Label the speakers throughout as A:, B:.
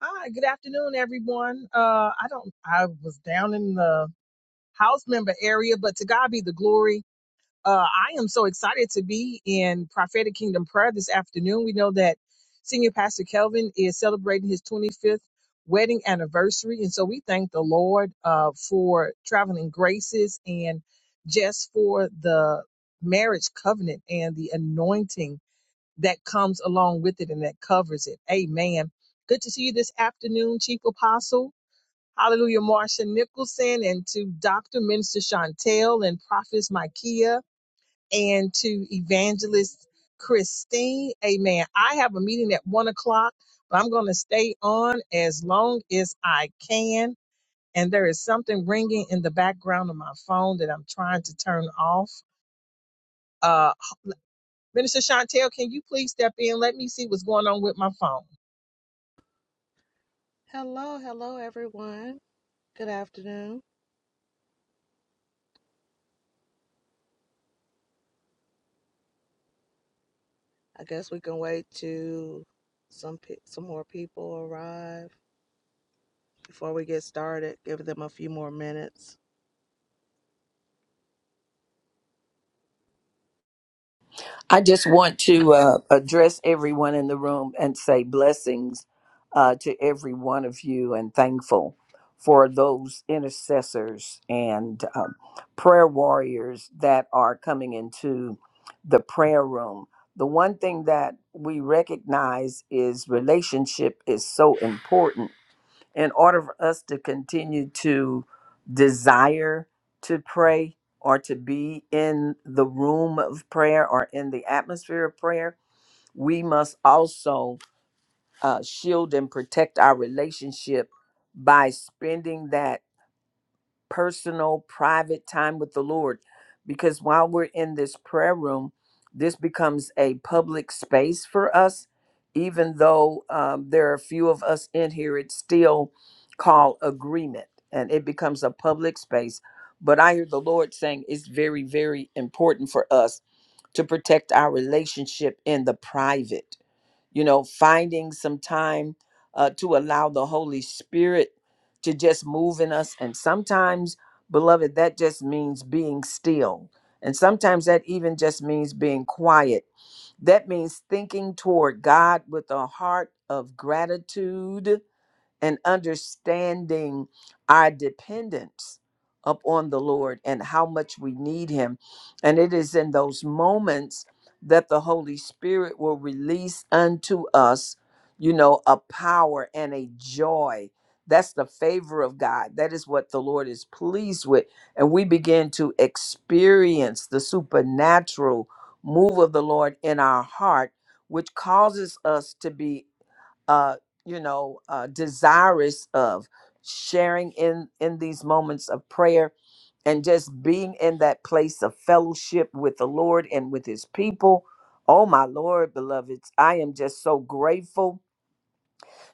A: Hi, good afternoon, everyone. Uh, I don't, I was down in the house member area, but to God be the glory. Uh, I am so excited to be in prophetic kingdom prayer this afternoon. We know that senior pastor Kelvin is celebrating his 25th wedding anniversary. And so we thank the Lord, uh, for traveling graces and just for the marriage covenant and the anointing that comes along with it and that covers it. Amen. Good to see you this afternoon, Chief Apostle. Hallelujah, Marsha Nicholson, and to Dr. Minister Chantel and Prophetess Micaiah, and to Evangelist Christine. Amen. I have a meeting at one o'clock, but I'm going to stay on as long as I can. And there is something ringing in the background of my phone that I'm trying to turn off. Uh, Minister Chantel, can you please step in? Let me see what's going on with my phone.
B: Hello, hello, everyone. Good afternoon. I guess we can wait to some pe- some more people arrive before we get started. Give them a few more minutes.
C: I just want to uh, address everyone in the room and say blessings uh, to every one of you and thankful for those intercessors and um, prayer warriors that are coming into the prayer room. The one thing that we recognize is relationship is so important in order for us to continue to desire to pray or to be in the room of prayer or in the atmosphere of prayer, we must also uh, shield and protect our relationship by spending that personal, private time with the Lord. Because while we're in this prayer room, this becomes a public space for us. Even though um, there are a few of us in here, it's still called agreement and it becomes a public space. But I hear the Lord saying it's very, very important for us to protect our relationship in the private you know, finding some time uh, to allow the Holy Spirit to just move in us. And sometimes, beloved, that just means being still. And sometimes that even just means being quiet. That means thinking toward God with a heart of gratitude and understanding our dependence upon the Lord and how much we need Him. And it is in those moments that the Holy Spirit will release unto us, you know, a power and a joy. That's the favor of God. That is what the Lord is pleased with. And we begin to experience the supernatural move of the Lord in our heart, which causes us to be uh, you know, uh, desirous of sharing in in these moments of prayer and just being in that place of fellowship with the Lord and with His people. Oh my Lord, beloveds, I am just so grateful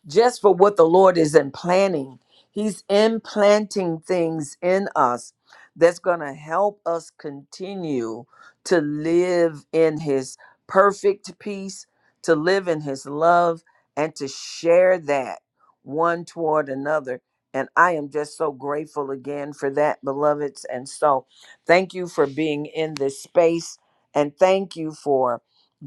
C: just for what the Lord is implanting. He's implanting things in us that's going to help us continue to live in His perfect peace, to live in His love, and to share that one toward another. And I am just so grateful again for that, beloveds. And so thank you for being in this space. And thank you for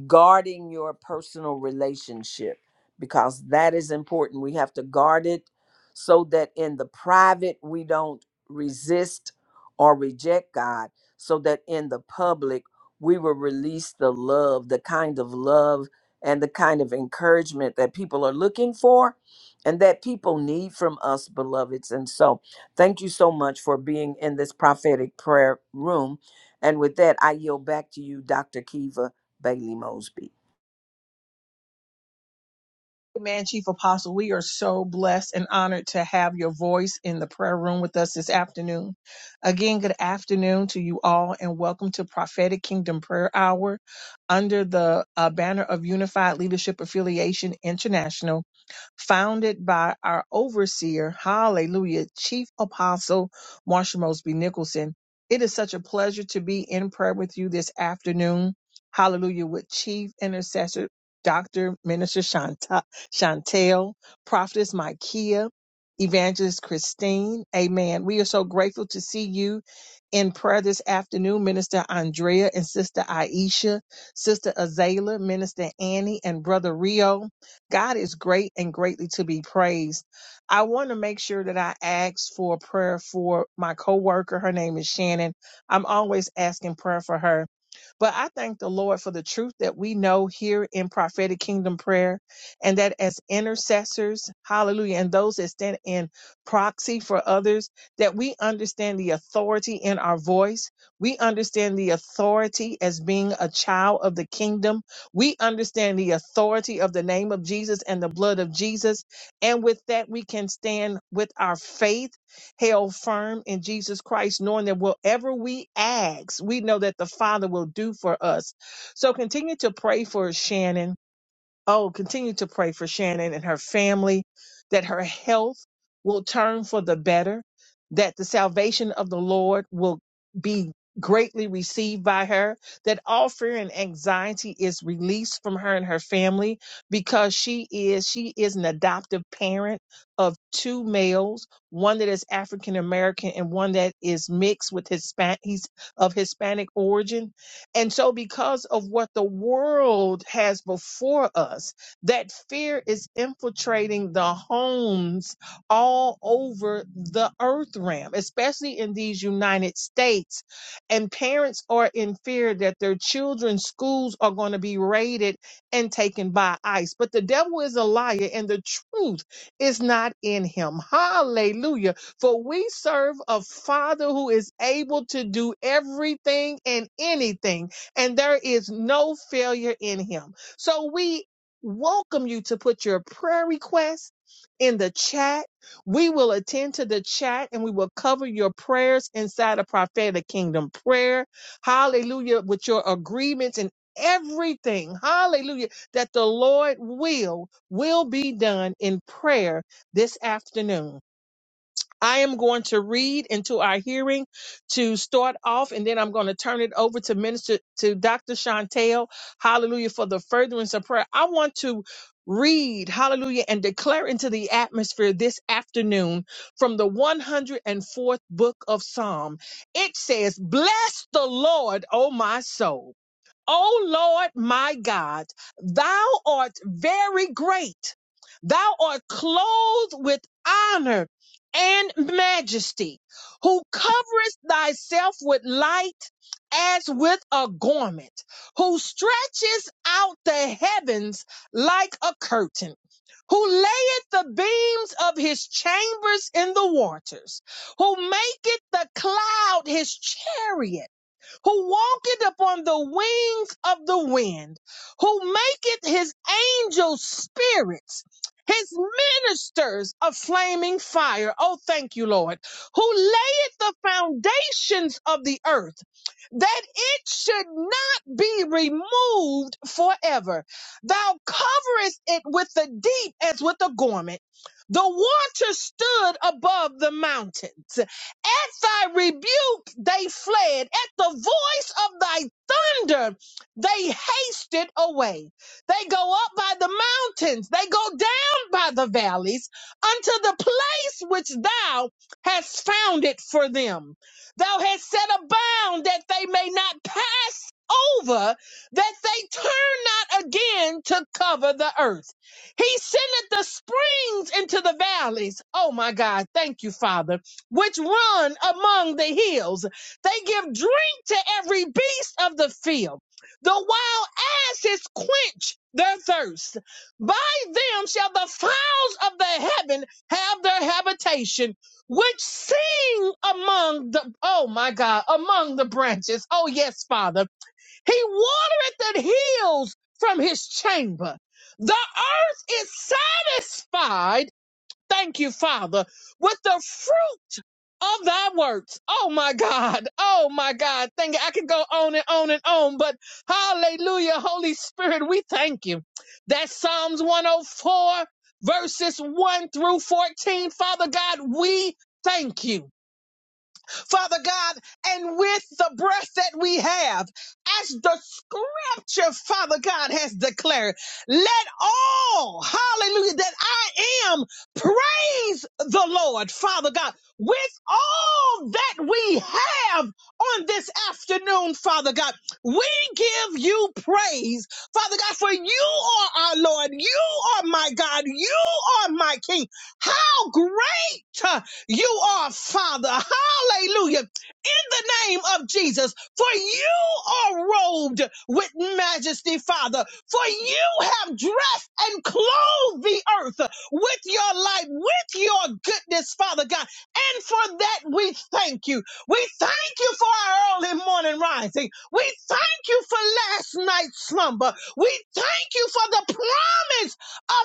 C: guarding your personal relationship because that is important. We have to guard it so that in the private we don't resist or reject God, so that in the public we will release the love, the kind of love and the kind of encouragement that people are looking for and that people need from us, beloveds. And so, thank you so much for being in this prophetic prayer room. And with that, I yield back to you, Dr. Kiva Bailey Mosby.
A: Amen, Chief Apostle. We are so blessed and honored to have your voice in the prayer room with us this afternoon. Again, good afternoon to you all, and welcome to Prophetic Kingdom Prayer Hour under the uh, banner of Unified Leadership Affiliation International. founded by our overseer, hallelujah, Chief Apostle Marsha Mosby Nicholson. It is such a pleasure to be in prayer with you this afternoon, hallelujah, with Chief Intercessor Dr. Minister Shanta, Chantel, Prophetess Micaiah, Evangelist Christine. Amen. We are so grateful to see you in prayer this afternoon, Minister Andrea and Sister Aisha, Sister Azalea, Minister Annie, and Brother Rio. God is great and greatly to be praised. I want to make sure that I ask for prayer for my coworker. Her name is Shannon. I'm always asking prayer for her. But I thank the Lord for the truth that we know here in prophetic kingdom prayer and that as intercessors, hallelujah, and those that stand in proxy for others, that we understand the authority in our voice. We understand the authority as being a child of the kingdom we understand the authority of the name of Jesus and the blood of Jesus. And with that, we can stand with our faith held firm in Jesus Christ, knowing that whatever we ask, we know that the Father will do for us. So continue to pray for Shannon Oh, continue to pray for Shannon and her family that her health will turn for the better, that the salvation of the Lord will be greatly received by her, that all fear and anxiety is released from her and her family because she is she is an adoptive parent of two males, one that is African American and one that is mixed with Hispanic he's of Hispanic origin and so, because of what the world has before us, that fear is infiltrating the homes all over the earth realm, especially in these United States. And parents are in fear that their children's schools are going to be raided and taken by ICE. But the devil is a liar, and the truth is not in him. Hallelujah for we serve a Father who is able to do everything and anything, and there is no failure in him. So we welcome you to put your prayer requests in the chat. We will attend to the chat and we will cover your prayers inside of prophetic kingdom prayer. Hallelujah. With your agreements and everything. Hallelujah. That the Lord will will be done in prayer this afternoon. I am going to read into our hearing to start off, and then I'm going to turn it over to Minister to Dr. Chantel. Hallelujah for the furtherance of prayer. I want to read, hallelujah, and declare into the atmosphere this afternoon from the 104th book of Psalm. It says, Bless the Lord, O my soul. O Lord my God, thou art very great. Thou art clothed with honor and majesty, who coverest thyself with light as with a garment, who stretches out the heavens like a curtain, who layeth the beams of his chambers in the waters, who maketh the cloud his chariot who walketh upon the wings of the wind, who maketh his angels spirits, his ministers a flaming fire. Oh, thank you, Lord, who layeth the foundations of the earth, that it should not be removed forever. Thou coverest it with the deep as with a garment. The water stood above the mountains. At thy rebuke they fled. At the voice of thy thunder they hasted away. They go up by the mountains. They go down by the valleys unto the place which thou hast founded for them. Thou hast set a bound that they may not pass over, that they turn not again to cover the earth. He sendeth the springs into the valleys. Oh my God. Thank you, Father which run among the hills. They give drink to every beast of the field. The wild asses quench their thirst. By them shall the fowls of the heaven have their habitation, which sing among the, oh my God, among the branches. Oh yes, Father. He watereth the hills from his chamber. The earth is satisfied Thank you, Father, with the fruit of thy works. Oh my God. Oh my God. Thank you. I could go on and on and on, but hallelujah, Holy Spirit, we thank you. That's Psalms 104, verses 1 through 14. Father God, we thank you. Father God, and with the breath that we have, as the scripture, Father God, has declared, let all, hallelujah, that I am praise the Lord, Father God, with all that we have on this afternoon, Father God, we give you praise, Father God, for you are our Lord, you are my God, you are my King. How great! uh, you are Father. Hallelujah. In the name of Jesus, for you are robed with majesty, Father. For you have dressed and clothed the earth with your light, with your goodness, Father God. And for that we thank you. We thank you for our early morning rising. We thank you for last night's slumber. We thank you for the promise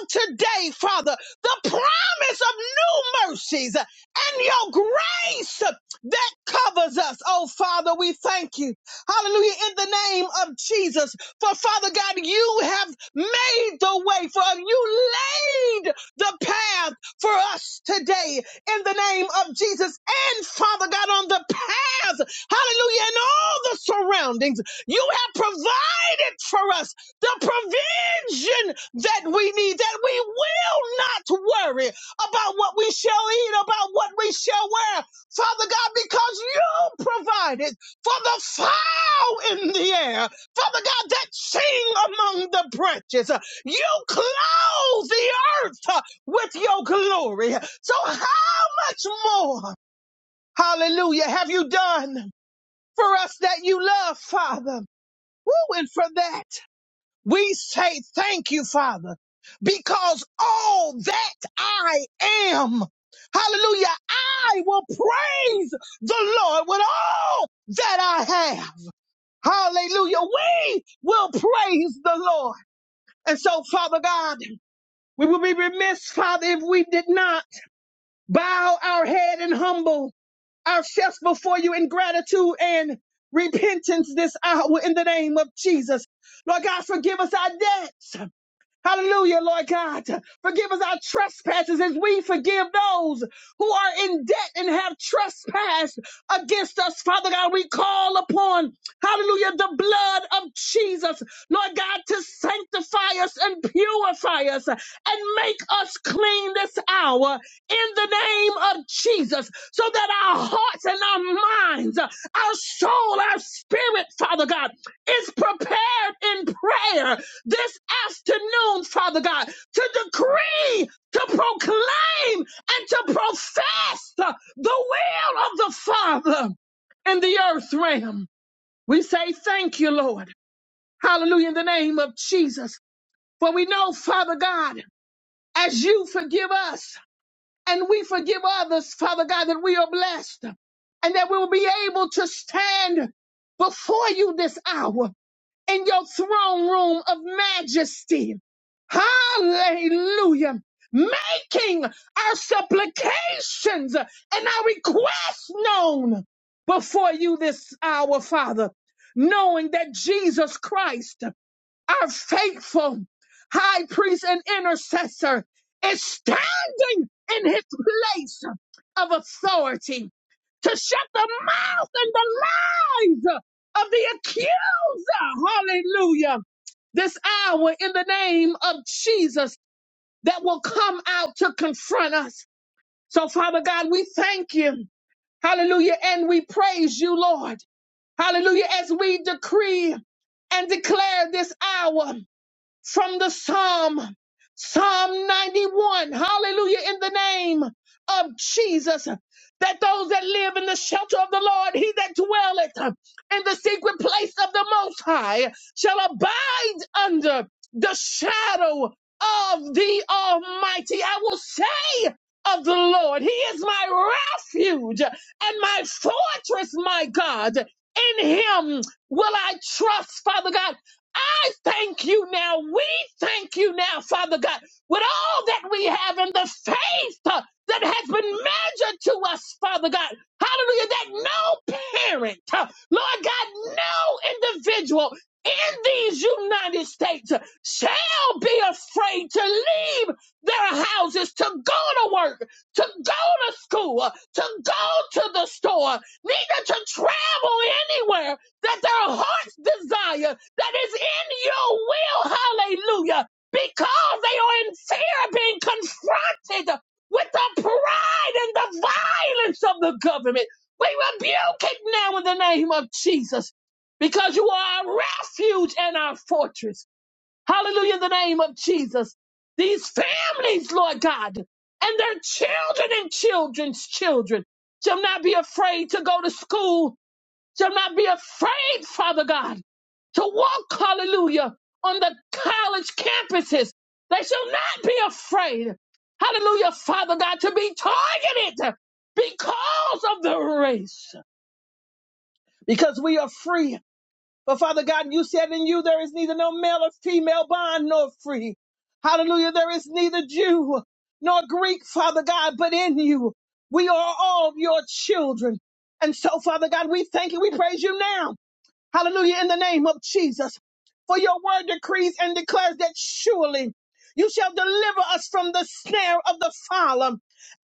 A: of today, Father. The promise of new mercies and your grace that covers us. Oh, Father, we thank you. Hallelujah. In the name of Jesus. For Father God, you have made the way for us. You laid the path for us today in the name of Jesus. And Father God, on the path, hallelujah, and all the surroundings, you have provided for us the provision that we need, that we will not worry, about what we shall eat, about what we shall wear. Father God, because you provided for the fowl in the air, Father God, that sing among the branches. You clothe the earth uh, with your glory. So how much more, hallelujah, have you done for us that you love, Father? Woo, and for that. We say thank you, Father, because all that I am, hallelujah, I will praise the Lord with all that I have. Hallelujah. We will praise the Lord. And so, Father God, we will be remiss, Father, if we did not bow our head and humble ourselves before you in gratitude and repentance this hour in the name of Jesus. Lord God, forgive us our debts Hallelujah, Lord God. Forgive us our trespasses as we forgive those who are in debt and have trespassed against us. Father God, we call upon, hallelujah, the blood of Jesus, Lord God, to sanctify us and purify us and make us clean this hour in the name of Jesus so that our hearts and our minds, our soul, our spirit, Father God, is prepared in prayer this afternoon, Father God, to decree, to proclaim, and to profess the will of the Father in the earth realm. We say thank you, Lord. Hallelujah in the name of Jesus. For we know, Father God, as you forgive us and we forgive others, Father God, that we are blessed and that we will be able to stand before you this hour in your throne room of majesty. Hallelujah. Making our supplications and our requests known before you this hour, Father, knowing that Jesus Christ our faithful high priest and intercessor is standing in his place of authority to shut the mouth and the lies of the accuser. Hallelujah. This hour in the name of Jesus that will come out to confront us. So, Father God, we thank you. Hallelujah. And we praise you, Lord. Hallelujah. As we decree and declare this hour from the Psalm, Psalm 91, hallelujah, in the name of Jesus, that those that live in the shelter of the Lord, he that dwelleth in the secret place of the Most High, shall abide under the shadow of the Almighty. I will say of the Lord, He is my refuge and my fortress, my God. In Him will I trust, Father God. I thank you now. We thank you now, Father God, with all that we have and the faith uh, that has been measured to us, Father God. Hallelujah. That no parent, uh, Lord God, no individual in these United States uh, shall be afraid to leave their houses to go to work, to go to school, uh, to go to the store, neither to travel anywhere that their hearts desire that is in your will, hallelujah, because they are in fear of being confronted with the pride and the violence of the government. We rebuke it now in the name of Jesus because you are our refuge and our fortress. Hallelujah, in the name of Jesus. These families, Lord God, and their children and children's children shall not be afraid to go to school, shall not be afraid, Father God to walk, hallelujah, on the college campuses. They shall not be afraid, hallelujah, Father God, to be targeted because of the race, because we are free. But Father God, you said in you there is neither no male or female bond nor free. Hallelujah, there is neither Jew nor Greek, Father God, but in you we are all your children. And so, Father God, we thank you, we praise you now Hallelujah. In the name of Jesus. For your word decrees and declares that surely you shall deliver us from the snare of the fowler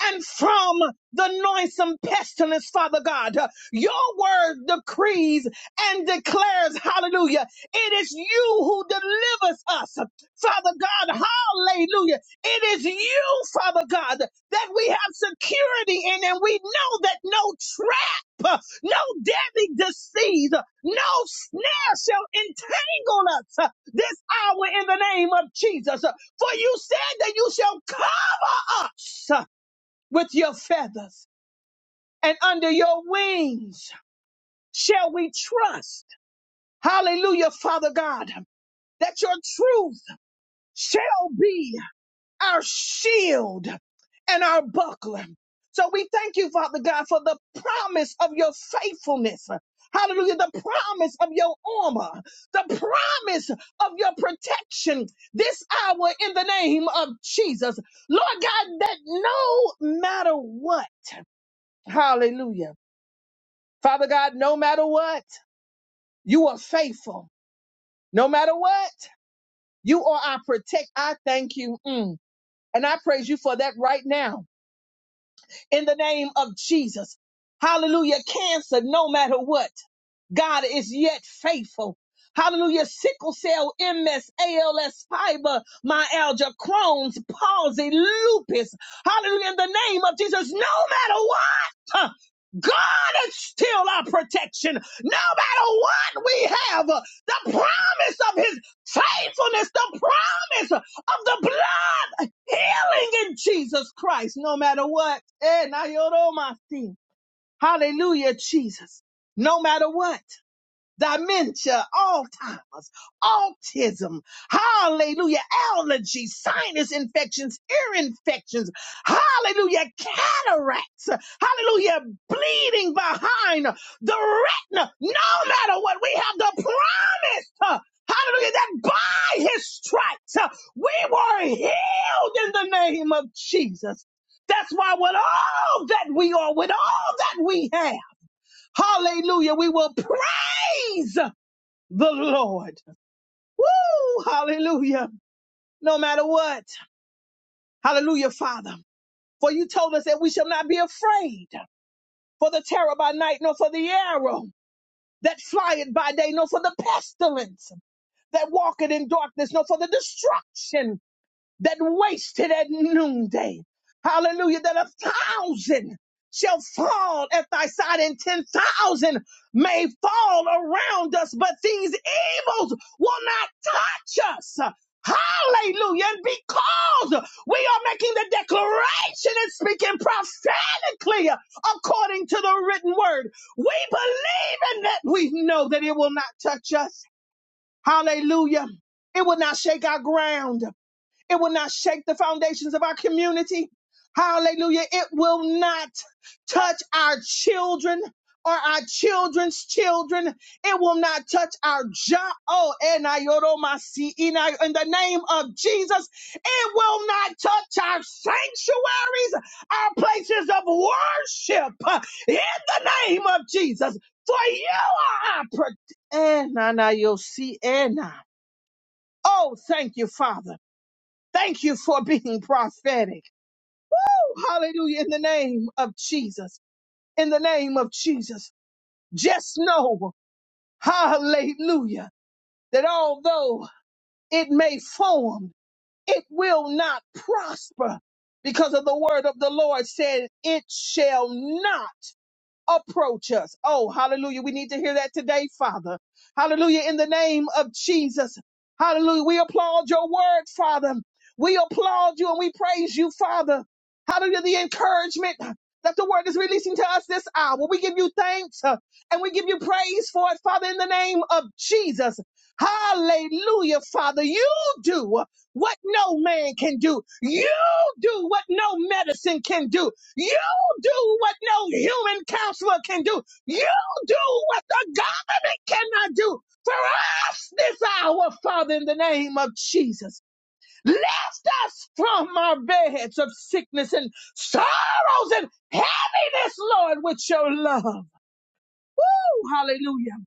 A: and from the noisome pestilence, Father God. Your word decrees and declares, hallelujah. It is you who delivers us, Father God. Hallelujah. It is you, Father God, that we have security in and we know that no no deadly disease, No snare shall entangle us this hour in the name of Jesus. For you said that you shall cover us with your feathers and under your wings shall we trust. Hallelujah, Father God, that your truth shall be. our shield and our buckler. So we thank you, Father God, for the promise of your faithfulness. Hallelujah. The promise of your armor, the promise of your protection this hour in the name of Jesus. Lord God, that no matter what, hallelujah. Father God, no matter what, you are faithful. No matter what, you are our protect. I thank you. Mm. And I praise you for that right now in the name of Jesus. Hallelujah. Cancer, no matter what. God is yet faithful. Hallelujah. Sickle cell, MS, ALS, fiber, myalgia, Crohn's, palsy, lupus. Hallelujah. In the name of Jesus, no matter what, uh, God is still our protection. No matter what we have, uh, the promise of his faithfulness, the promise of the blood healing in Jesus Christ, no matter what. Eh, na yoromasi. Hallelujah, Jesus. No matter what dementia, Alzheimer's, autism, hallelujah, allergies, sinus infections, ear infections, hallelujah, cataracts, hallelujah, bleeding behind the retina. No matter what, we have the promise. uh, Hallelujah, that by his stripes uh, we were healed in the name of Jesus. That's why with all that we are, with all that we have, hallelujah, we will praise the Lord. Woo! Hallelujah. No matter what. Hallelujah, Father. For you told us that we shall not be afraid for the terror by night, nor for the arrow that flieth by day, nor for the pestilence that walketh in darkness, nor for the destruction that wasted at noonday. Hallelujah. That a thousand shall fall at thy side and 10,000 may fall around us, but these evils will not touch us. Hallelujah. And because we are making the declaration and speaking prophetically according to the written word, we believe in that we know that it will not touch us. Hallelujah. It will not shake our ground. It will not shake the foundations of our community. Hallelujah. It will not touch our children or our children's children. It will not touch our job. Oh, and I- yoromasi, in I- in the name of Jesus, it will not touch our sanctuaries, our places of worship. uh, In the name of Jesus, for you are our protector. Oh, thank you, Father. Thank you for being prophetic. Oh, Hallelujah. In the name of Jesus. In the name of Jesus. Just know, hallelujah, that although it may form, it will not prosper because of the word of the Lord said, it shall not. approach us. Oh, hallelujah. We need to hear that today, Father. Hallelujah. In the name of Jesus. Hallelujah. We applaud your word, Father. We applaud you and we praise you, Father. Hallelujah. The encouragement that the word is releasing to us this hour. We give you thanks uh, and we give you praise for it, Father, in the name of Jesus. Hallelujah, Father. You do what no man can do. You do what no medicine can do. You do what no human counselor can do. You do what the government cannot do. For us this hour, Father, in the name of Jesus, lift us from our beds of sickness and sorrows and heaviness, Lord, with your love. Woo, hallelujah.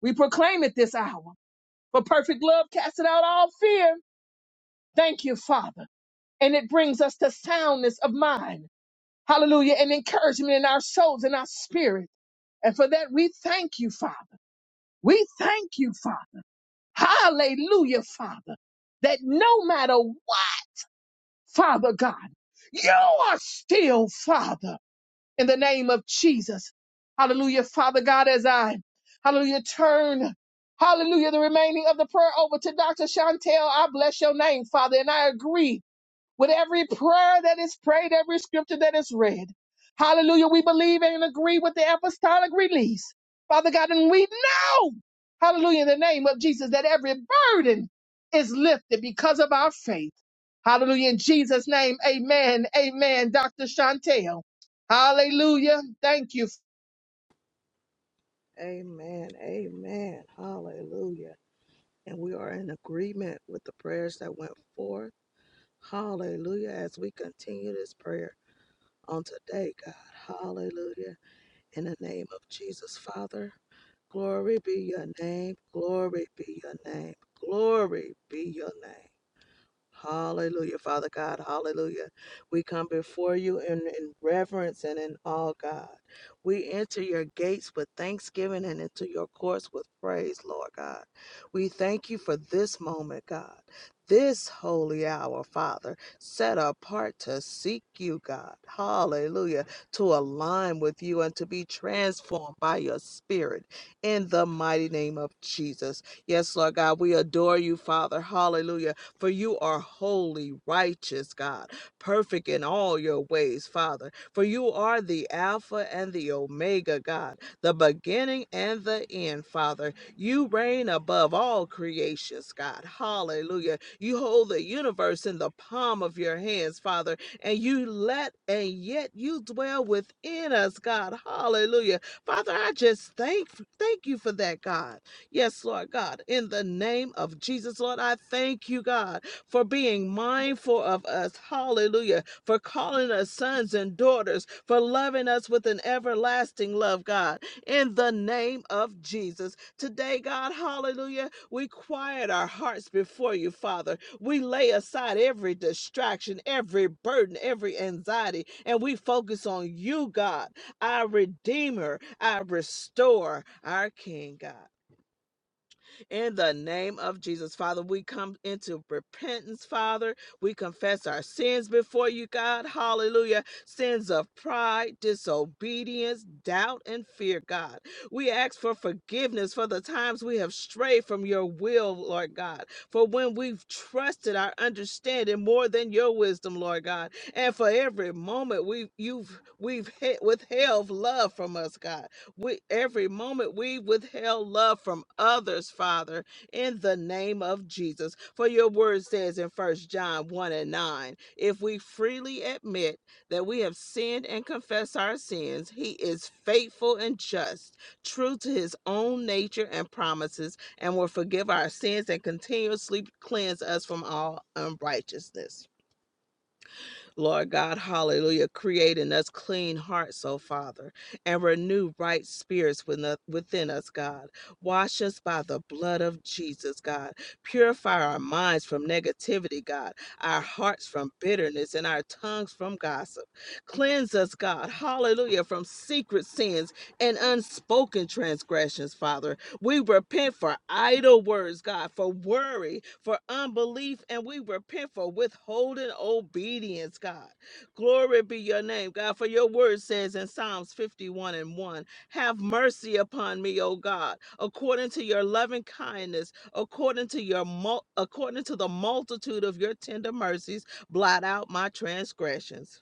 A: We proclaim it this hour. For perfect love casteth out all fear. Thank you, Father. And it brings us to soundness of mind. Hallelujah. And encouragement in our souls and our spirit. And for that, we thank you, Father. We thank you, Father. Hallelujah, Father. That no matter what, Father God, you are still Father in the name of Jesus. Hallelujah, Father God, as I, hallelujah, turn, hallelujah, the remaining of the prayer over to Dr. Chantel. I bless your name, Father, and I agree with every prayer that is prayed, every scripture that is read. Hallelujah. We believe and agree with the apostolic release. Father God, and we know, hallelujah, in the name of Jesus, that every burden is lifted because of our faith. Hallelujah. In Jesus' name, amen. Amen. Dr. Chantel. Hallelujah. Thank you.
B: Amen. Amen. Hallelujah. And we are in agreement with the prayers that went forth. Hallelujah. As we continue this prayer on today, God. Hallelujah. In the name of Jesus, Father. Glory be your name. Glory be your name. Glory be your name. Hallelujah, Father God. Hallelujah. We come before you in, in reverence and in awe, God. We enter your gates with thanksgiving and into your courts with praise, Lord God. We thank you for this moment, God. This holy hour, Father, set apart to seek you, God. Hallelujah. To align with you and to be transformed by your spirit in the mighty name of Jesus. Yes, Lord God, we adore you, Father. Hallelujah for you are holy, righteous, God, perfect in all your ways, Father, for you are the Alpha and the Omega, God, the beginning and the end, Father. You reign above all creations, God. Hallelujah. You hold the universe in the palm of your hands, Father, and you let and yet you dwell within us, God. Hallelujah. Father, I just thank thank you for that, God. Yes, Lord God, in the name of Jesus, Lord, I thank you, God, for being mindful of us. Hallelujah. For calling us sons and daughters, for loving us with an everlasting love, God, in the name of Jesus. Today, God, hallelujah, we quiet our hearts before you, Father. We lay aside every distraction, every burden, every anxiety, and we focus on you, God, our Redeemer, our Restorer, our King, God. In the name of Jesus, Father, we come into repentance, Father. We confess our sins before you, God. Hallelujah. Sins of pride, disobedience, doubt, and fear, God. We ask for forgiveness for the times we have strayed from your will, Lord God. For when we've trusted our understanding more than your wisdom, Lord God. And for every moment we've you've we've withheld love from us, God we, every moment we withheld love from others, Father, in the name of Jesus. For your word says in First John 1 and 9, if we freely admit that we have sinned and confess our sins, he is faithful and just, true to his own nature and promises, and will forgive our sins and continuously cleanse us from all unrighteousness. Lord God, hallelujah, create in us clean hearts, oh Father, and renew right spirits within us, within us, God. Wash us by the blood of Jesus, God. Purify our minds from negativity, God, our hearts from bitterness, and our tongues from gossip. Cleanse us, God, hallelujah, from secret sins and unspoken transgressions, Father we repent for idle words, God, for worry, for unbelief, and we repent for withholding obedience, God. Glory be your name, God, for your word says in Psalms 51 and 1 Have mercy upon me, O God, according to your loving kindness, according to your mul- according to the multitude of your tender mercies, blot out my transgressions.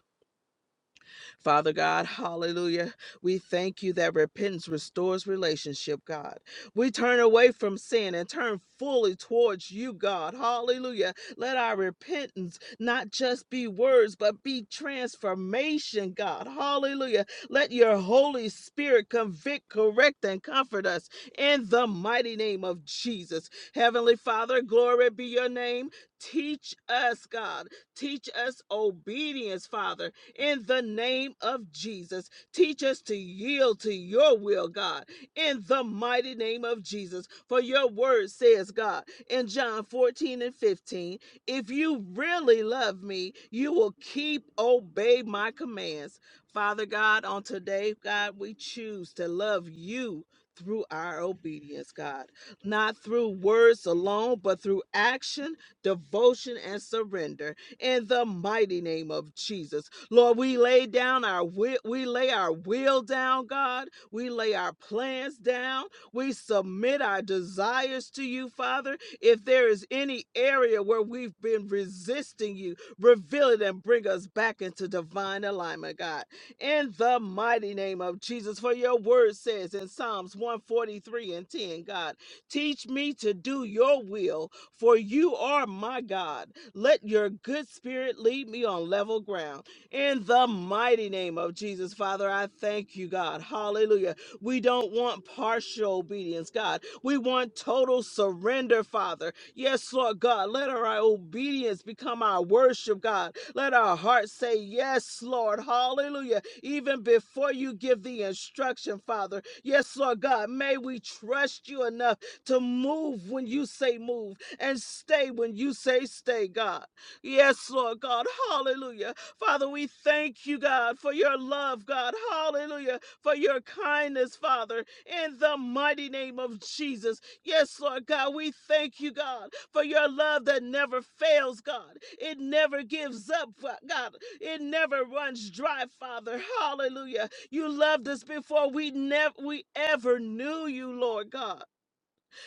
B: Father God, hallelujah. We thank you that repentance restores relationship, God. We turn away from sin and turn fully towards you, God. Hallelujah. Let our repentance not just be words, but be transformation, God. Hallelujah. Let your Holy Spirit convict, correct, and comfort us in the mighty name of Jesus. Heavenly Father, glory be your name. Teach us, God. Teach us obedience, Father in the name of Jesus. Teach us to yield to your will, God, in the mighty name of Jesus. For your word says, God, in John 14 and 15, if you really love me, you will keep obey my commands. Father God, on today, God, we choose to love you through our obedience, God, not through words alone, but through action, devotion, and surrender in the mighty name of Jesus. Lord, we lay down our will, we lay our will down, God. We lay our plans down. We submit our desires to you, Father. If there is any area where we've been resisting you, reveal it and bring us back into divine alignment, God. In the mighty name of Jesus, for your word says in Psalms 143 and 10, God, teach me to do your will, for you are my God. Let your good spirit lead me on level ground in the mighty name of Jesus. Father, I thank you, God. Hallelujah. We don't want partial obedience, God. We want total surrender, Father. Yes, Lord God. Let our obedience become our worship, God. Let our hearts say, Yes, Lord. Hallelujah. Even before you give the instruction, Father. Yes, Lord God. May we trust you enough to move when you say move and stay when you say stay, God. Yes, Lord God. Hallelujah. Father, we thank you, God, for your love, God. Hallelujah. For your kindness, Father, in the mighty name of Jesus. Yes, Lord God, we thank you, God, for your love that never fails, God. It never gives up, God. It never runs dry, Father. Hallelujah. You loved us before we never we ever knew you, Lord God.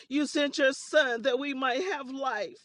B: You sent your son that we might have life.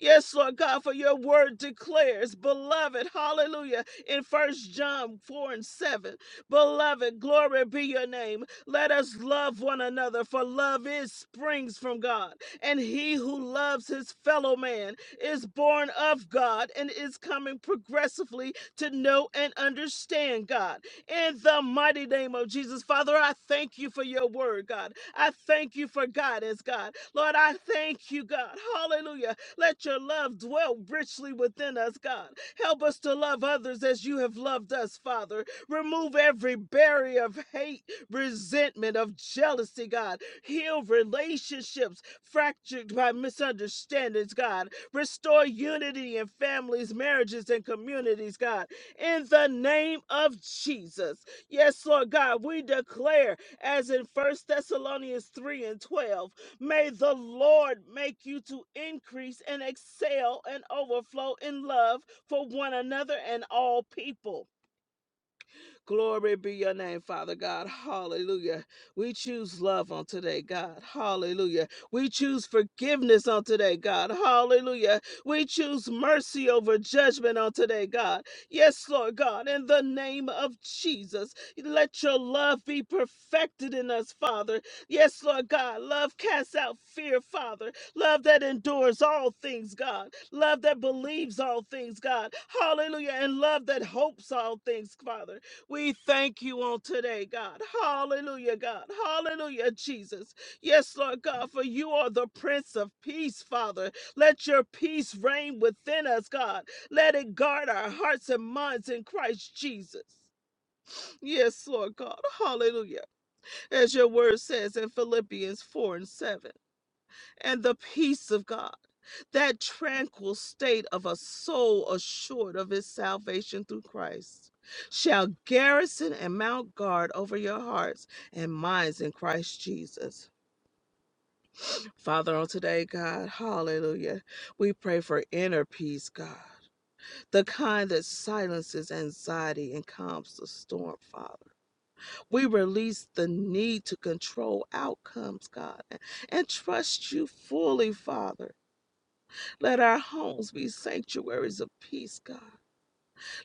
B: Yes, Lord God, for your word declares, beloved, hallelujah, in 1 John 4 and 7. Beloved, glory be your name. Let us love one another, for love is springs from God. And he who loves his fellow man is born of God and is coming progressively to know and understand God in the mighty name of Jesus. Father, I thank you for your word, God. I thank you for guidance, God. Lord, I thank you, God. Hallelujah. Let your love dwell richly within us, God. Help us to love others as you have loved us, Father. Remove every barrier of hate, resentment, of jealousy, God. Heal relationships fractured by misunderstandings, God. Restore unity in families, marriages, and communities, God in the name of Jesus. Yes, Lord God, we declare as in First Thessalonians 3 and 12, may the Lord make you to increase and excel and overflow in love for one another and all people. Glory be your name, Father God. Hallelujah. We choose love on today, God. Hallelujah. We choose forgiveness on today, God. Hallelujah. We choose mercy over judgment on today, God. Yes, Lord God, in the name of Jesus, let your love be perfected in us, Father. Yes, Lord God, love casts out fear, Father. Love that endures all things, God. Love that believes all things, God. Hallelujah. And love that hopes all things, Father. We thank you on today, God. Hallelujah, God. Hallelujah, Jesus. Yes, Lord God, for you are the Prince of Peace, Father. Let your peace reign within us, God. Let it guard our hearts and minds in Christ Jesus. Yes, Lord God. Hallelujah. As your word says in Philippians 4 and 7 and the peace of God, that tranquil state of a soul assured of his salvation through Christ, shall garrison and mount guard over your hearts and minds in Christ Jesus. Father, on today, God, hallelujah, we pray for inner peace, God, the kind that silences anxiety and calms the storm, Father. We release the need to control outcomes, God, and trust you fully, Father Let our homes be sanctuaries of peace, God.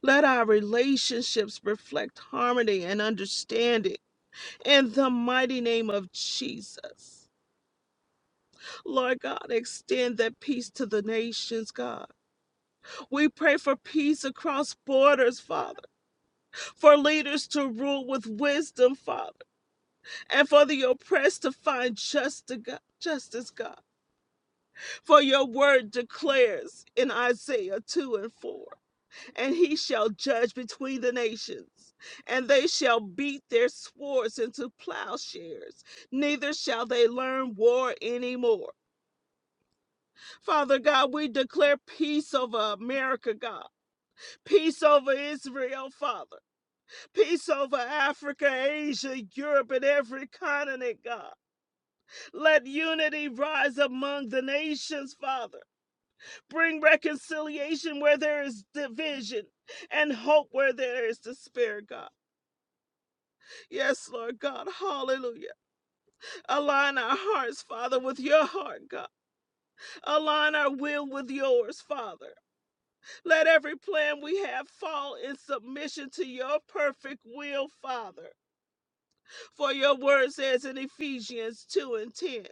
B: Let our relationships reflect harmony and understanding in the mighty name of Jesus. Lord God, extend that peace to the nations, God. We pray for peace across borders, Father, for leaders to rule with wisdom, Father, and for the oppressed to find justice, God. Justice, God. For your word declares in Isaiah 2 and 4. and he shall judge between the nations, and they shall beat their swords into plowshares, neither shall they learn war anymore. Father God, we declare peace over America, God, peace over Israel, Father, peace over Africa, Asia, Europe, and every continent, God. Let unity rise among the nations, Father. Bring reconciliation where there is division and hope where there is despair, God. Yes, Lord God. Hallelujah. Align our hearts, Father, with your heart, God. Align our will with yours, Father. Let every plan we have fall in submission to your perfect will, Father. For your word says in Ephesians 2 and 10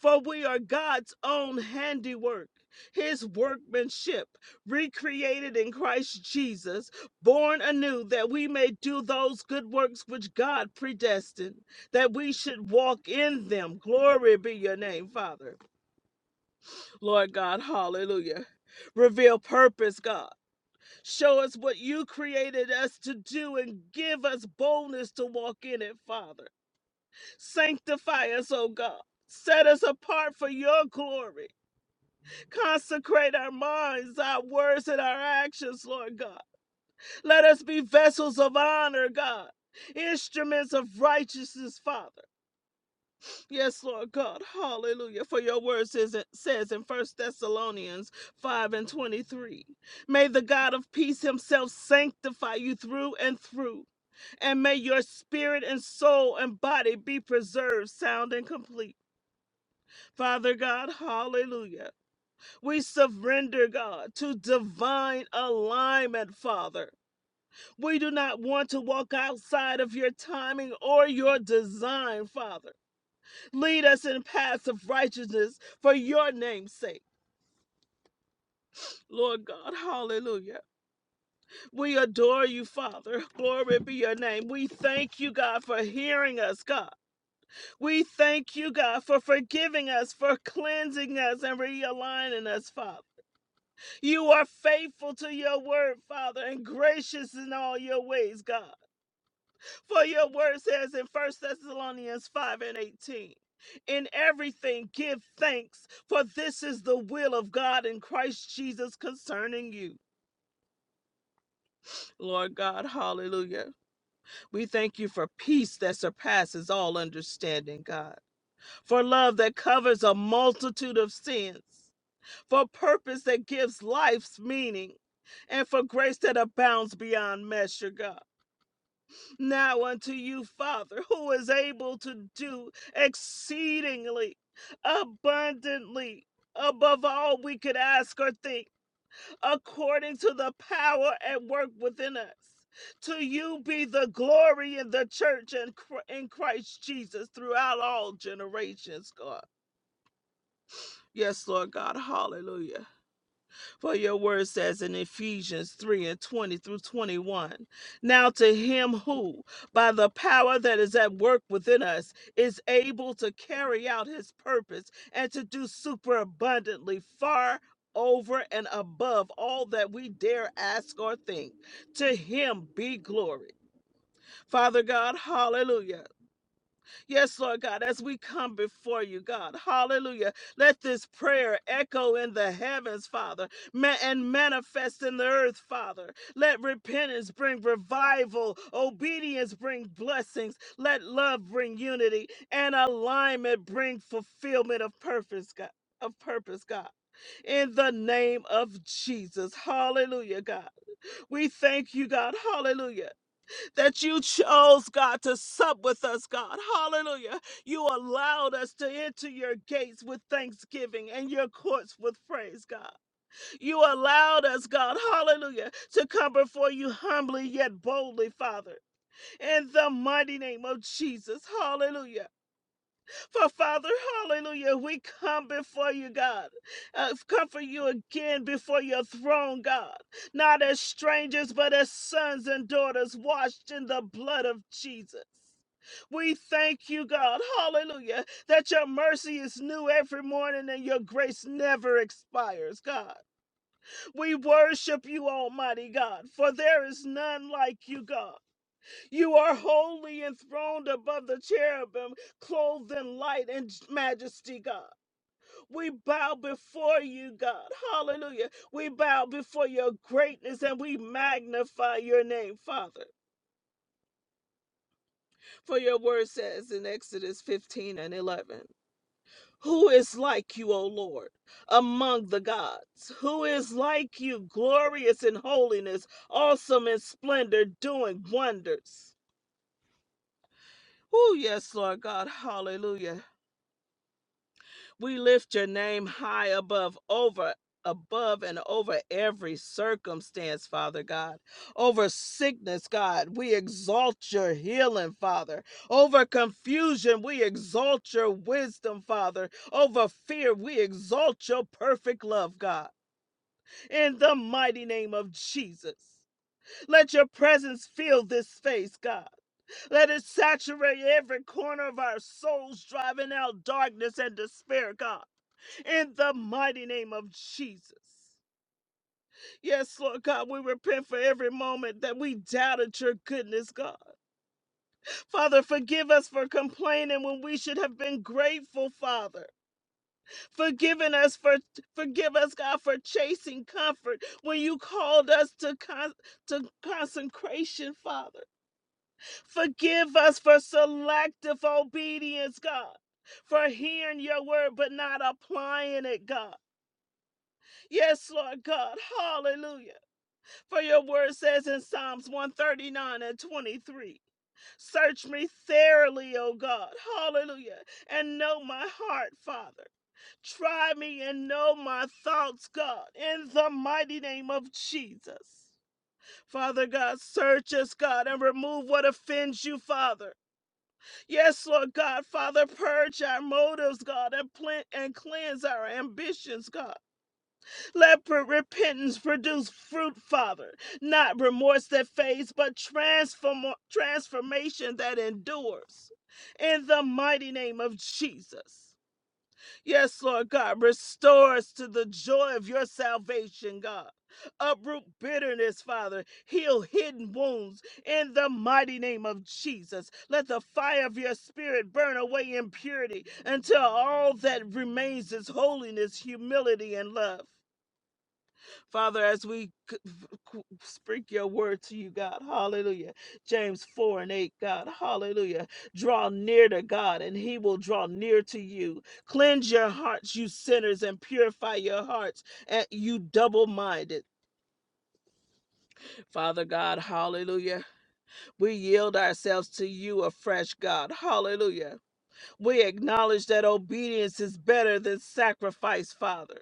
B: For we are God's own handiwork, his workmanship, recreated in Christ Jesus, born anew that we may do those good works which God predestined, that we should walk in them. Glory be your name, Father. Lord God, hallelujah. Reveal purpose, God. Show us what you created us to do and give us boldness to walk in it, Father. Sanctify us, oh God. Set us apart for your glory. Consecrate our minds, our words, and our actions, Lord God. Let us be vessels of honor, God. Instruments of righteousness, Father. Yes, Lord God. Hallelujah. For your word says, says in First Thessalonians 5 and 23 May the God of peace himself sanctify you through and through. And may your spirit and soul and body be preserved sound and complete. Father God, hallelujah. We surrender, God, to divine alignment, Father. We do not want to walk outside of your timing or your design, Father. Lead us in paths of righteousness for your name's sake. Lord God, hallelujah. We adore you, Father. Glory be your name. We thank you, God, for hearing us, God. We thank you, God, for forgiving us, for cleansing us, and realigning us, Father. You are faithful to your word, Father, and gracious in all your ways, God. For your word says in First Thessalonians 5 and 18, in everything give thanks, for this is the will of God in Christ Jesus concerning you. Lord God, hallelujah. We thank you for peace that surpasses all understanding, God, for love that covers a multitude of sins. for purpose that gives life's meaning, and for grace that abounds beyond measure, God. Now unto you, Father, who is able to do exceedingly, abundantly, above all we could ask or think, according to the power at work within us. To you be the glory in the church and Chr- in Christ Jesus throughout all generations, God. Yes, Lord God. Hallelujah. For your word says in Ephesians 3 and 20 through 21 Now to him who, by the power that is at work within us, is able to carry out his purpose and to do superabundantly far over and above all that we dare ask or think. To him be glory. Father God, hallelujah. Yes, Lord God, as we come before you, God, hallelujah. Let this prayer echo in the heavens, Father, ma- and manifest in the earth, Father. Let repentance bring revival, obedience bring blessings, let love bring unity, and alignment bring fulfillment of purpose, God. Of purpose, God, in the name of Jesus. Hallelujah, God. We thank you, God. Hallelujah that you chose, God, to sup with us, God. Hallelujah. You allowed us to enter your gates with thanksgiving and your courts with praise, God. You allowed us, God, hallelujah, to come before you humbly yet boldly, Father. In the mighty name of Jesus, hallelujah. For Father, hallelujah, we come before you, God. Uh, come for you again before your throne, God. Not as strangers, but as sons and daughters washed in the blood of Jesus. We thank you, God, hallelujah, that your mercy is new every morning and your grace never expires, God. We worship you, Almighty God, for there is none like you, God. You are holy, enthroned above the cherubim, clothed in light and majesty, God. We bow before you, God. Hallelujah. We bow before your greatness and we magnify your name, Father. For your word says in Exodus 15 and 11 Who is like you, O Lord, among the gods? Who is like you, glorious in holiness, awesome in splendor, doing wonders? Oh, yes, Lord God. Hallelujah. We lift your name high above, over, above, and over every circumstance, Father God. Over sickness, God, we exalt your healing, Father. Over confusion, we exalt your wisdom, Father. Over fear, we exalt your perfect love, God. In the mighty name of Jesus, let your presence fill this space, God. Let it saturate every corner of our souls, driving out darkness and despair, God, in the mighty name of Jesus. Yes, Lord God, we repent for every moment that we doubted your goodness, God. Father, forgive us for complaining when we should have been grateful, Father. Forgiving us for forgive us, God, for chasing comfort when you called us to con- to consecration, Father. Forgive us for selective obedience, God, for hearing your word but not applying it, God. Yes, Lord God, hallelujah. For your word says in Psalms 139 and 23 Search me thoroughly, O God, hallelujah, and know my heart, Father. Try me and know my thoughts, God, in the mighty name of Jesus. Father God, search us, God, and remove what offends you, Father. Yes, Lord God, Father, purge our motives, God, and plant and cleanse our ambitions, God. Let per- repentance produce fruit, Father, not remorse that fades, but transform transformation that endures. In the mighty name of Jesus. Yes, Lord God, restore us to the joy of your salvation, God. Uproot bitterness, Father. Heal hidden wounds in the mighty name of Jesus. Let the fire of your spirit burn away impurity until all that remains is holiness, humility, and love. Father, as we speak your word to you, God, hallelujah. James 4 and 8, God, hallelujah. Draw near to God, and he will draw near to you. Cleanse your hearts, you sinners, and purify your hearts, and you double minded. Father God, hallelujah. We yield ourselves to you afresh, God, hallelujah. We acknowledge that obedience is better than sacrifice, Father.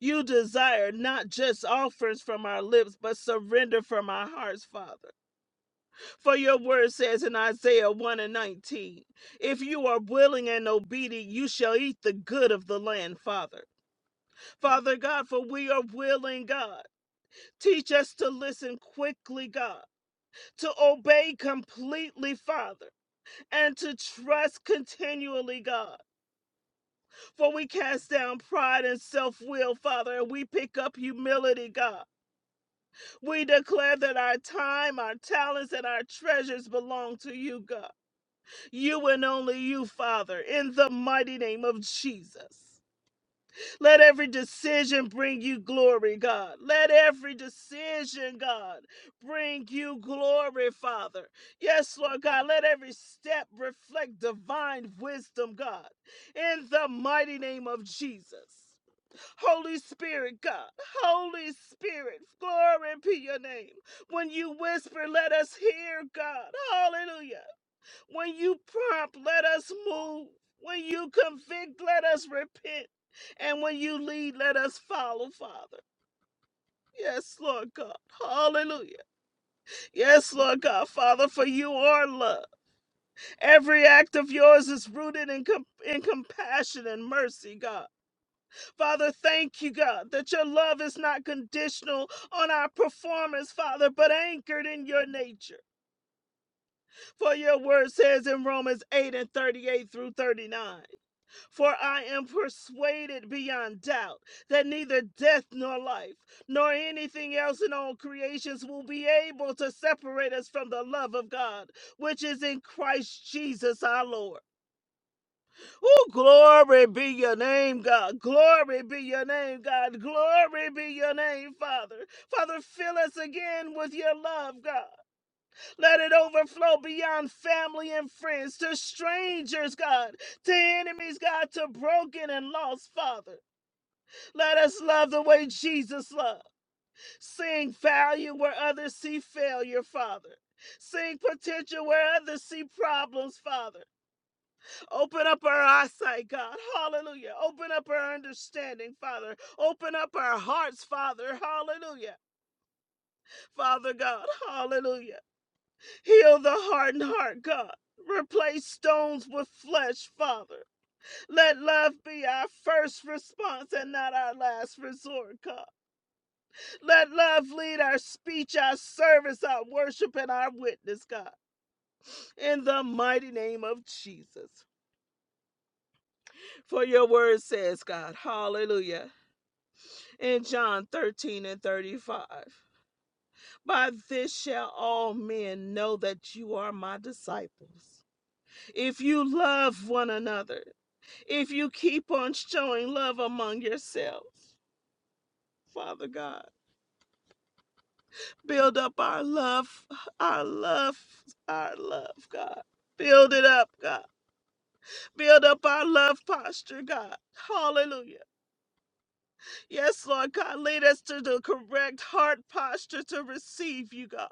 B: You desire not just offerings from our lips, but surrender from our hearts, Father. For your word says in Isaiah 1 and 19, if you are willing and obedient, you shall eat the good of the land, Father. Father God, for we are willing, God. Teach us to listen quickly, God, to obey completely, Father, and to trust continually, God. For we cast down pride and self will, Father, and we pick up humility, God. We declare that our time, our talents, and our treasures belong to you, God. You and only you, Father, in the mighty name of Jesus. Let every decision bring you glory, God. Let every decision, God, bring you glory, Father. Yes, Lord God, let every step reflect divine wisdom, God, in the mighty name of Jesus. Holy Spirit, God, Holy Spirit, glory be your name. When you whisper, let us hear, God. Hallelujah. When you prompt, let us move. When you convict, let us repent. And when you lead, let us follow, Father. Yes, Lord God. Hallelujah. Yes, Lord God, Father, for you are love. Every act of yours is rooted in, com- in compassion and mercy, God. Father, thank you, God, that your love is not conditional on our performance, Father, but anchored in your nature. For your word says in Romans 8 and 38 through 39. For I am persuaded beyond doubt that neither death nor life, nor anything else in all creations will be able to separate us from the love of God, which is in Christ Jesus our Lord. Oh, glory be your name, God. Glory be your name, God. Glory be your name, Father. Father, fill us again with your love, God. Let it overflow beyond family and friends to strangers, God, to enemies, God, to broken and lost, Father. Let us love the way Jesus loved, seeing value where others see failure, Father. Seeing potential where others see problems, Father. Open up our eyesight, God. Hallelujah. Open up our understanding, Father. Open up our hearts, Father. Hallelujah. Father God. Hallelujah. Heal the hardened heart, God. Replace stones with flesh, Father. Let love be our first response and not our last resort, God. Let love lead our speech, our service, our worship, and our witness, God. In the mighty name of Jesus. For your word says, God, hallelujah. In John 13 and 35, by this shall all men know that you are my disciples if you love one another. if you keep on showing love among yourselves, Father God. Build up our love, our love, our love, God. Build it up, God. Build up our love posture, God. Hallelujah. Yes, Lord God, lead us to the correct heart posture to receive you, God.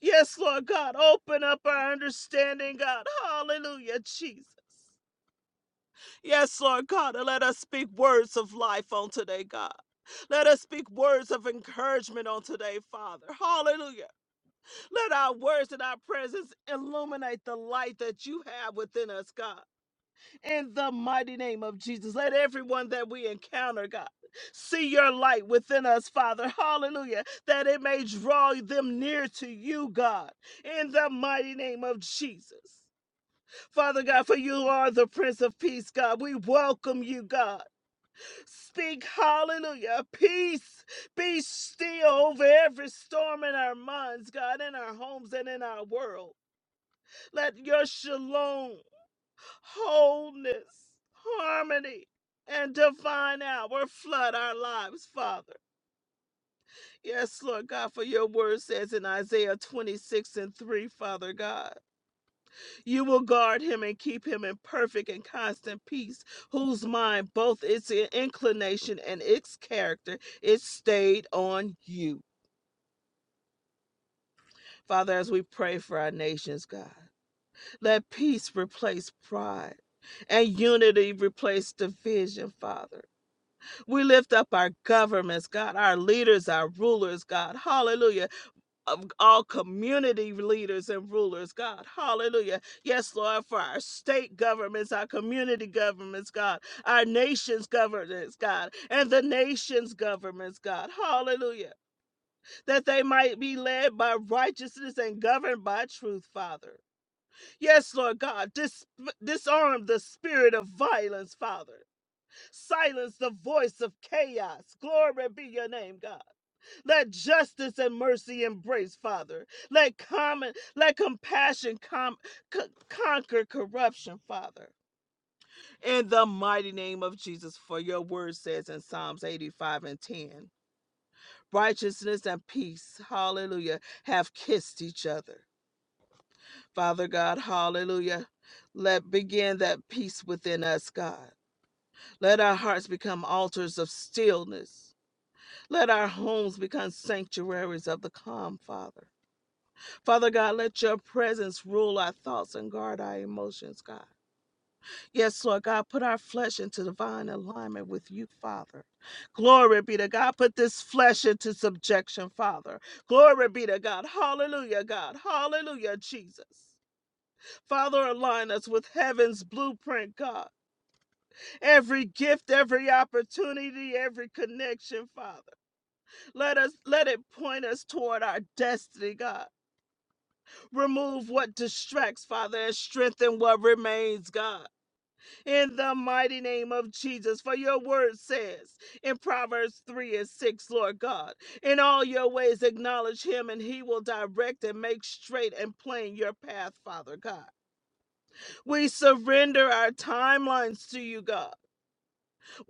B: Yes, Lord God, open up our understanding, God. Hallelujah, Jesus. Yes, Lord God, and let us speak words of life on today, God. Let us speak words of encouragement on today, Father. Hallelujah. Let our words and our presence illuminate the light that you have within us, God. In the mighty name of Jesus, let everyone that we encounter, God, see your light within us, Father. Hallelujah. That it may draw them near to you, God. In the mighty name of Jesus. Father God, for you are the Prince of Peace, God. We welcome you, God. Speak hallelujah. Peace. Be still over every storm in our minds, God, in our homes and in our world. Let your shalom, wholeness, harmony, and divine hour flood our lives, Father. Yes, Lord God, for your word says in Isaiah 26 and 3, Father God. You will guard him and keep him in perfect and constant peace, whose mind, both its inclination and its character, is stayed on you. Father, as we pray for our nations, God, let peace replace pride and unity replace division, Father. We lift up our governments, God, our leaders, our rulers, God. Hallelujah of all community leaders and rulers, God. Hallelujah. Yes, Lord, for our state governments, our community governments, God, our nation's governments, God, and the nation's governments, God. Hallelujah. That they might be led by righteousness and governed by truth, Father. Yes, Lord God, dis- disarm the spirit of violence, Father. Silence the voice of chaos. Glory be your name, God. Let justice and mercy embrace, Father. Let common, let compassion com- co- conquer corruption, Father. In the mighty name of Jesus, for your word says in Psalms 85 and 10, righteousness and peace, hallelujah, have kissed each other. Father God, hallelujah. Let begin that peace within us, God. Let our hearts become altars of stillness. Let our homes become sanctuaries of the calm, Father. Father God, let your presence rule our thoughts and guard our emotions, God. Yes, Lord God, put our flesh into divine alignment with you, Father. Glory be to God. Put this flesh into subjection, Father. Glory be to God. Hallelujah, God. Hallelujah, Jesus. Father, align us with heaven's blueprint, God. Every gift, every opportunity, every connection, Father. Let us let it point us toward our destiny, God. Remove what distracts, Father, and strengthen what remains, God. In the mighty name of Jesus, for your word says in Proverbs 3 and 6, Lord God, in all your ways acknowledge him, and he will direct and make straight and plain your path, Father God. We surrender our timelines to you, God.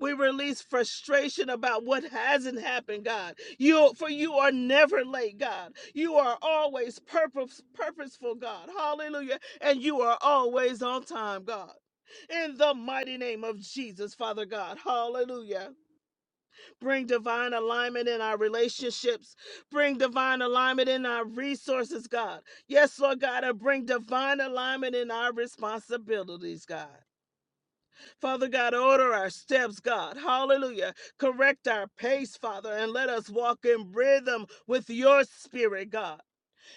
B: We release frustration about what hasn't happened, God. You for you are never late, God. You are always purpose, purposeful, God. Hallelujah. And you are always on time, God. In the mighty name of Jesus, Father God. Hallelujah. Bring divine alignment in our relationships. Bring divine alignment in our resources, God. Yes, Lord God, and bring divine alignment in our responsibilities, God. Father God, order our steps, God. Hallelujah. Correct our pace, Father, and let us walk in rhythm with your spirit, God,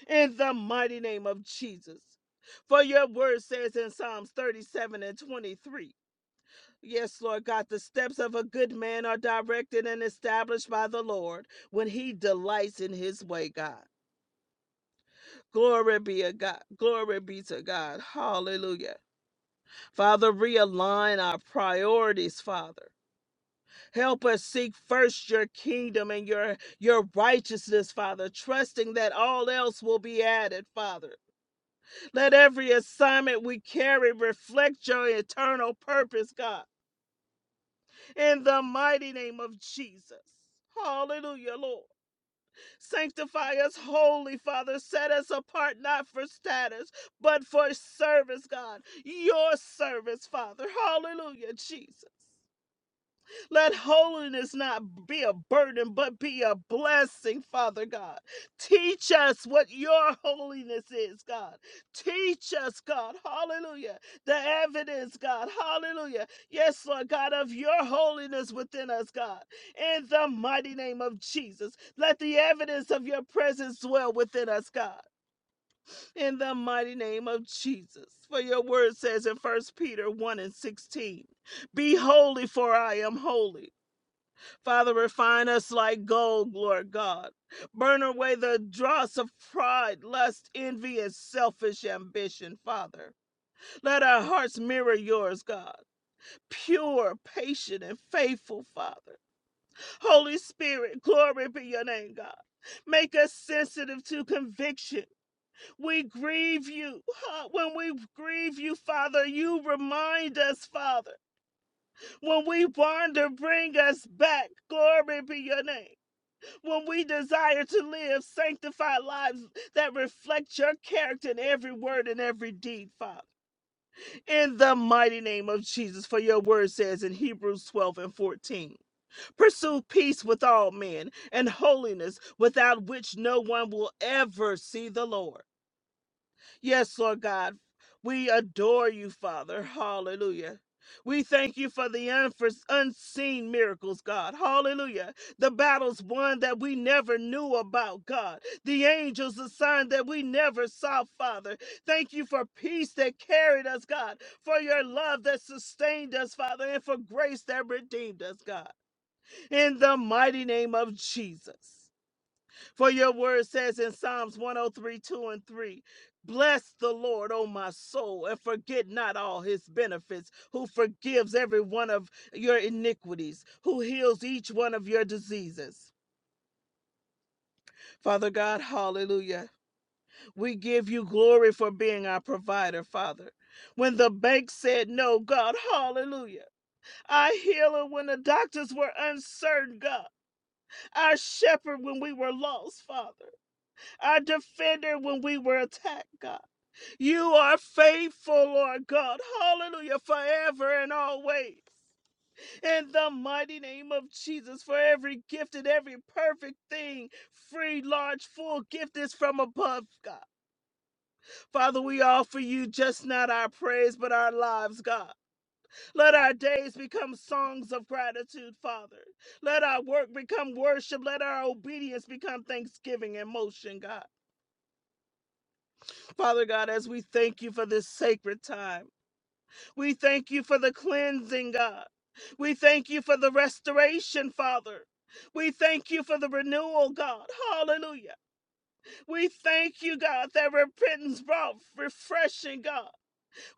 B: in the mighty name of Jesus. For your word says in Psalms 37 and 23. Yes, Lord God, the steps of a good man are directed and established by the Lord when he delights in his way, God. Glory be to God. Glory be to God. Hallelujah. Father, realign our priorities, Father. Help us seek first your kingdom and your your righteousness, Father, trusting that all else will be added, Father. Let every assignment we carry reflect your eternal purpose, God, in the mighty name of Jesus. Hallelujah, Lord. Sanctify us holy, Father. Set us apart not for status, but for service, God. Your service, Father. Hallelujah, Jesus. Let holiness not be a burden, but be a blessing, Father God. Teach us what your holiness is, God. Teach us, God. Hallelujah. The evidence, God. Hallelujah. Yes, Lord God, of your holiness within us, God. In the mighty name of Jesus, let the evidence of your presence dwell within us, God. In the mighty name of Jesus. For your word says in First Peter 1 and 16, Be holy, for I am holy. Father, refine us like gold, Lord God. Burn away the dross of pride, lust, envy, and selfish ambition, Father. Let our hearts mirror yours, God. Pure, patient, and faithful, Father. Holy Spirit, glory be your name, God. Make us sensitive to conviction. We grieve you. huh? When we grieve you, Father, you remind us, Father. When we wander, bring us back. Glory be your name. when we desire to live sanctified lives that reflect your character in every word and every deed, Father. In the mighty name of Jesus, for your word says in Hebrews 12 and 14 Pursue peace with all men and holiness, without which no one will ever see the Lord. Yes, Lord God. We adore you, Father. Hallelujah. We thank you for the unfor- unseen miracles, God. Hallelujah. The battles won that we never knew about, God. The angels assigned that we never saw, Father. Thank you for peace that carried us, God. For your love that sustained us, Father. And for grace that redeemed us, God. In the mighty name of Jesus. For your word says in Psalms one o three two and 3, Bless the Lord, O my soul, and forget not all his benefits, who forgives every one of your iniquities, who heals each one of your diseases. Father God, hallelujah. We give you glory for being our provider, Father. When the bank said no, God, hallelujah. Our healer when the doctors were uncertain, God. Our shepherd when we were lost, Father our defender when we were attacked, God. You are faithful, Lord God. Hallelujah, forever and always. In the mighty name of Jesus, for every gift and every perfect thing, free, large, full gift is from above, God. Father, we offer you just not our praise, but our lives, God. Let our days become songs of gratitude, Father. Let our work become worship. Let our obedience become thanksgiving and motion, God. Father God, as we thank you for this sacred time. We thank you for the cleansing, God. We thank you for the restoration, Father. We thank you for the renewal, God. Hallelujah. We thank you, God, that repentance brought refreshing, God.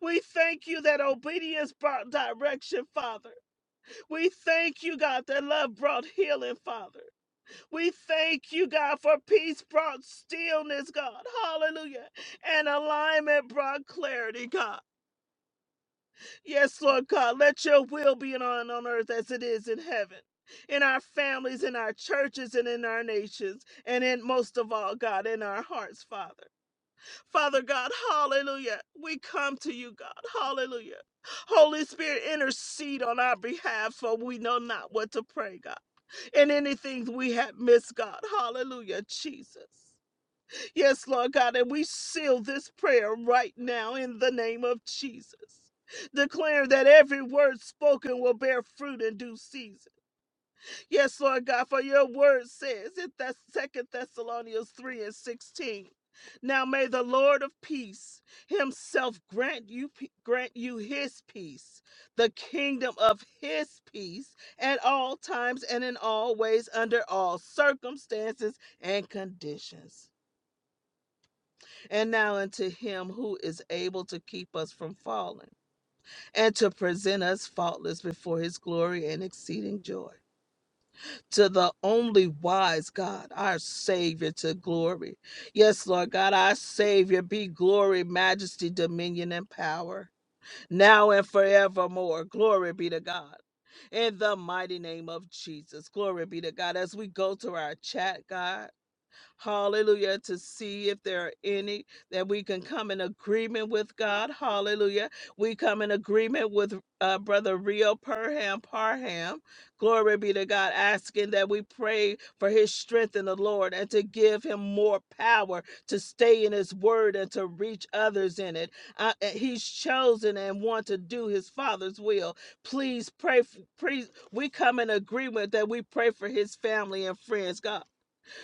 B: We thank you that obedience brought direction, Father. We thank you, God, that love brought healing, Father. We thank you, God, for peace brought stillness, God. Hallelujah. And alignment brought clarity, God. Yes, Lord God, let your will be done on earth as it is in heaven, in our families, in our churches, and in our nations, and in most of all, God, in our hearts, Father. Father God, hallelujah. We come to you, God, hallelujah. Holy Spirit, intercede on our behalf, for we know not what to pray, God, and anything we have missed, God, hallelujah, Jesus. Yes, Lord God, and we seal this prayer right now in the name of Jesus. Declare that every word spoken will bear fruit in due season. Yes, Lord God, for your word says in that Second Thessalonians 3 and 16. Now may the Lord of peace himself grant you pe- grant you his peace, the kingdom of his peace at all times and in all ways under all circumstances and conditions. And now unto him who is able to keep us from falling, and to present us faultless before his glory and exceeding joy. To the only wise God, our Savior, to glory. Yes, Lord God, our Savior, be glory, majesty, dominion, and power, now and forevermore. Glory be to God. In the mighty name of Jesus, glory be to God. As we go to our chat, God. Hallelujah. To see if there are any that we can come in agreement with God. Hallelujah. We come in agreement with uh, Brother Rio Perham Parham. Glory be to God, asking that we pray for his strength in the Lord and to give him more power to stay in his word and to reach others in it. Uh, uh, he's chosen and want to do his father's will. Please pray. f- Please, we come in agreement that we pray for his family and friends, God.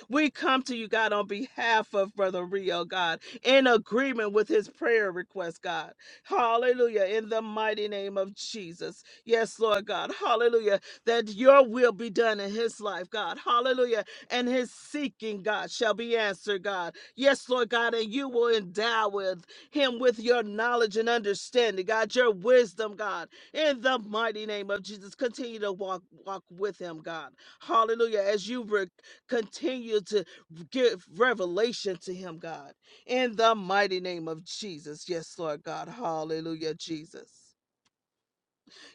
B: We come to you, God, on behalf of Brother Rio, God, in agreement with his prayer request, God. Hallelujah. In the mighty name of Jesus. Yes, Lord God. Hallelujah. That your will be done in his life, God. Hallelujah. And his seeking, God, shall be answered, God. Yes, Lord God. And you will endow with him with your knowledge and understanding, God, your wisdom, God. In the mighty name of Jesus. Continue to walk, walk with him, God. Hallelujah. As you re- Continue to give revelation to him, God. In the mighty name of Jesus. Yes, Lord God. Hallelujah, Jesus.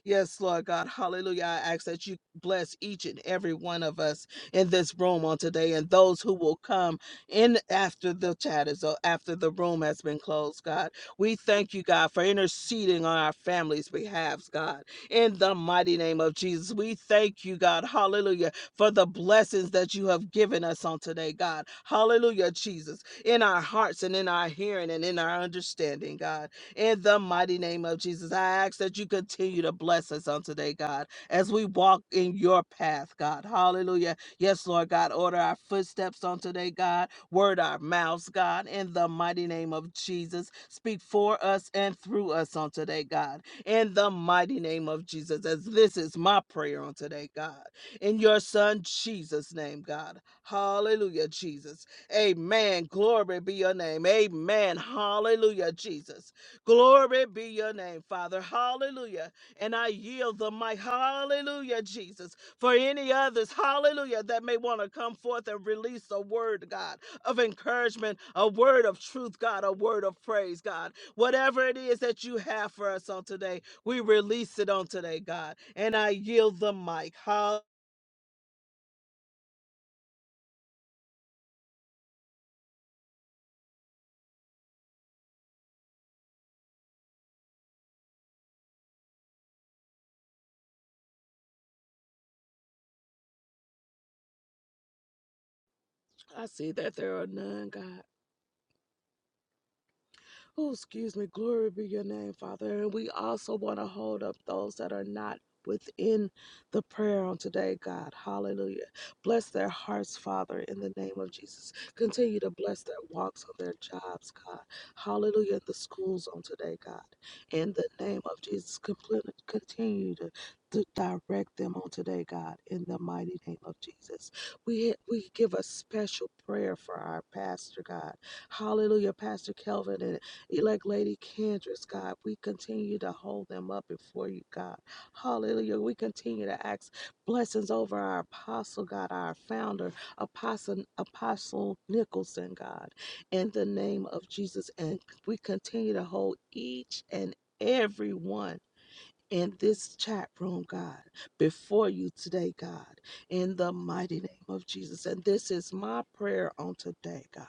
B: Yes, Lord God. Hallelujah. I ask that you bless each and every one of us in this room on today and those who will come in after the chat is o- after the room has been closed, God. We thank you, God, for interceding on our families' behalves, God. In the mighty name of Jesus, we thank you, God. Hallelujah. For the blessings that you have given us on today, God. Hallelujah, Jesus. In our hearts and in our hearing and in our understanding, God in the mighty name of Jesus. I ask that you continue to bless us on today, God, as we walk in your path, God. Hallelujah. Yes, Lord God, order our footsteps on today, God. Word our mouths, God, in the mighty name of Jesus. Speak for us and through us on today, God, in the mighty name of Jesus, as this is my prayer on today, God. In your son, Jesus' name, God. Hallelujah, Jesus. Amen. Glory be your name. Amen. Hallelujah, Jesus. Glory be your name, Father. Hallelujah. And I yield the mic. Hallelujah, Jesus. For any others, hallelujah, that may want to come forth and release a word, God, of encouragement, a word of truth, God, a word of praise, God. Whatever it is that you have for us on today, we release it on today, God. And I yield the mic. Hall- I see that there are none, God. Oh, excuse me. Glory be your name, Father. And we also want to hold up those that are not within the prayer on today, God. Hallelujah. Bless their hearts, Father, in the name of Jesus. Continue to bless their walks on their jobs, God. Hallelujah. The schools on today, God. In the name of Jesus, complete- continue to, to direct them on today, God. In the mighty name of Jesus. We, we give a special prayer for our pastor, God. Hallelujah, Pastor Kelvin and Elect Lady Kendricks, God, we continue to hold them up before you, God. Hallelujah. We continue to ask blessings over our apostle, God, our founder, Apostle, apostle Nicholson, God, in the name of Jesus. And we continue to hold each and every one in this chat room, God, before you today, God, in the mighty name of Jesus. And this is my prayer on today, God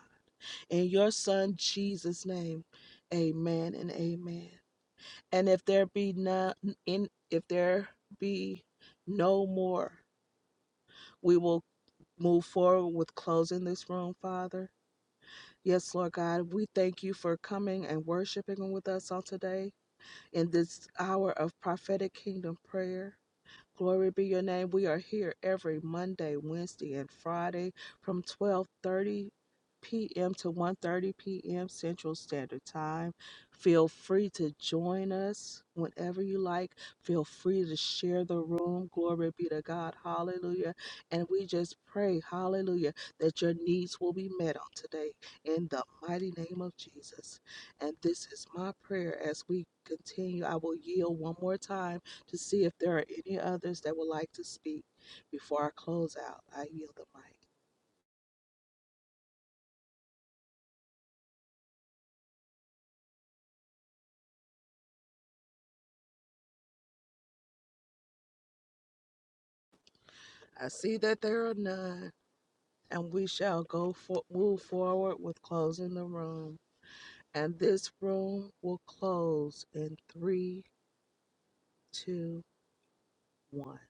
B: in your son Jesus' name, amen and amen. And if there be none in if there be no more, we will move forward with closing this room, Father. Yes, Lord God, we thank you for coming and worshiping with us on today in this hour of prophetic kingdom prayer. Glory be your name. We are here every Monday, Wednesday, and Friday from 12:30 p.m. to one thirty p.m. Central Standard Time. Feel free to join us whenever you like. Feel free to share the room. Glory be to God. Hallelujah. And we just pray, hallelujah, that your needs will be met on today in the mighty name of Jesus. And this is my prayer as we continue. I will yield one more time to see if there are any others that would like to speak before I close out. I yield the mic. I see that there are none, and we shall go for, move forward with closing the room. And this room will close in three, two, one.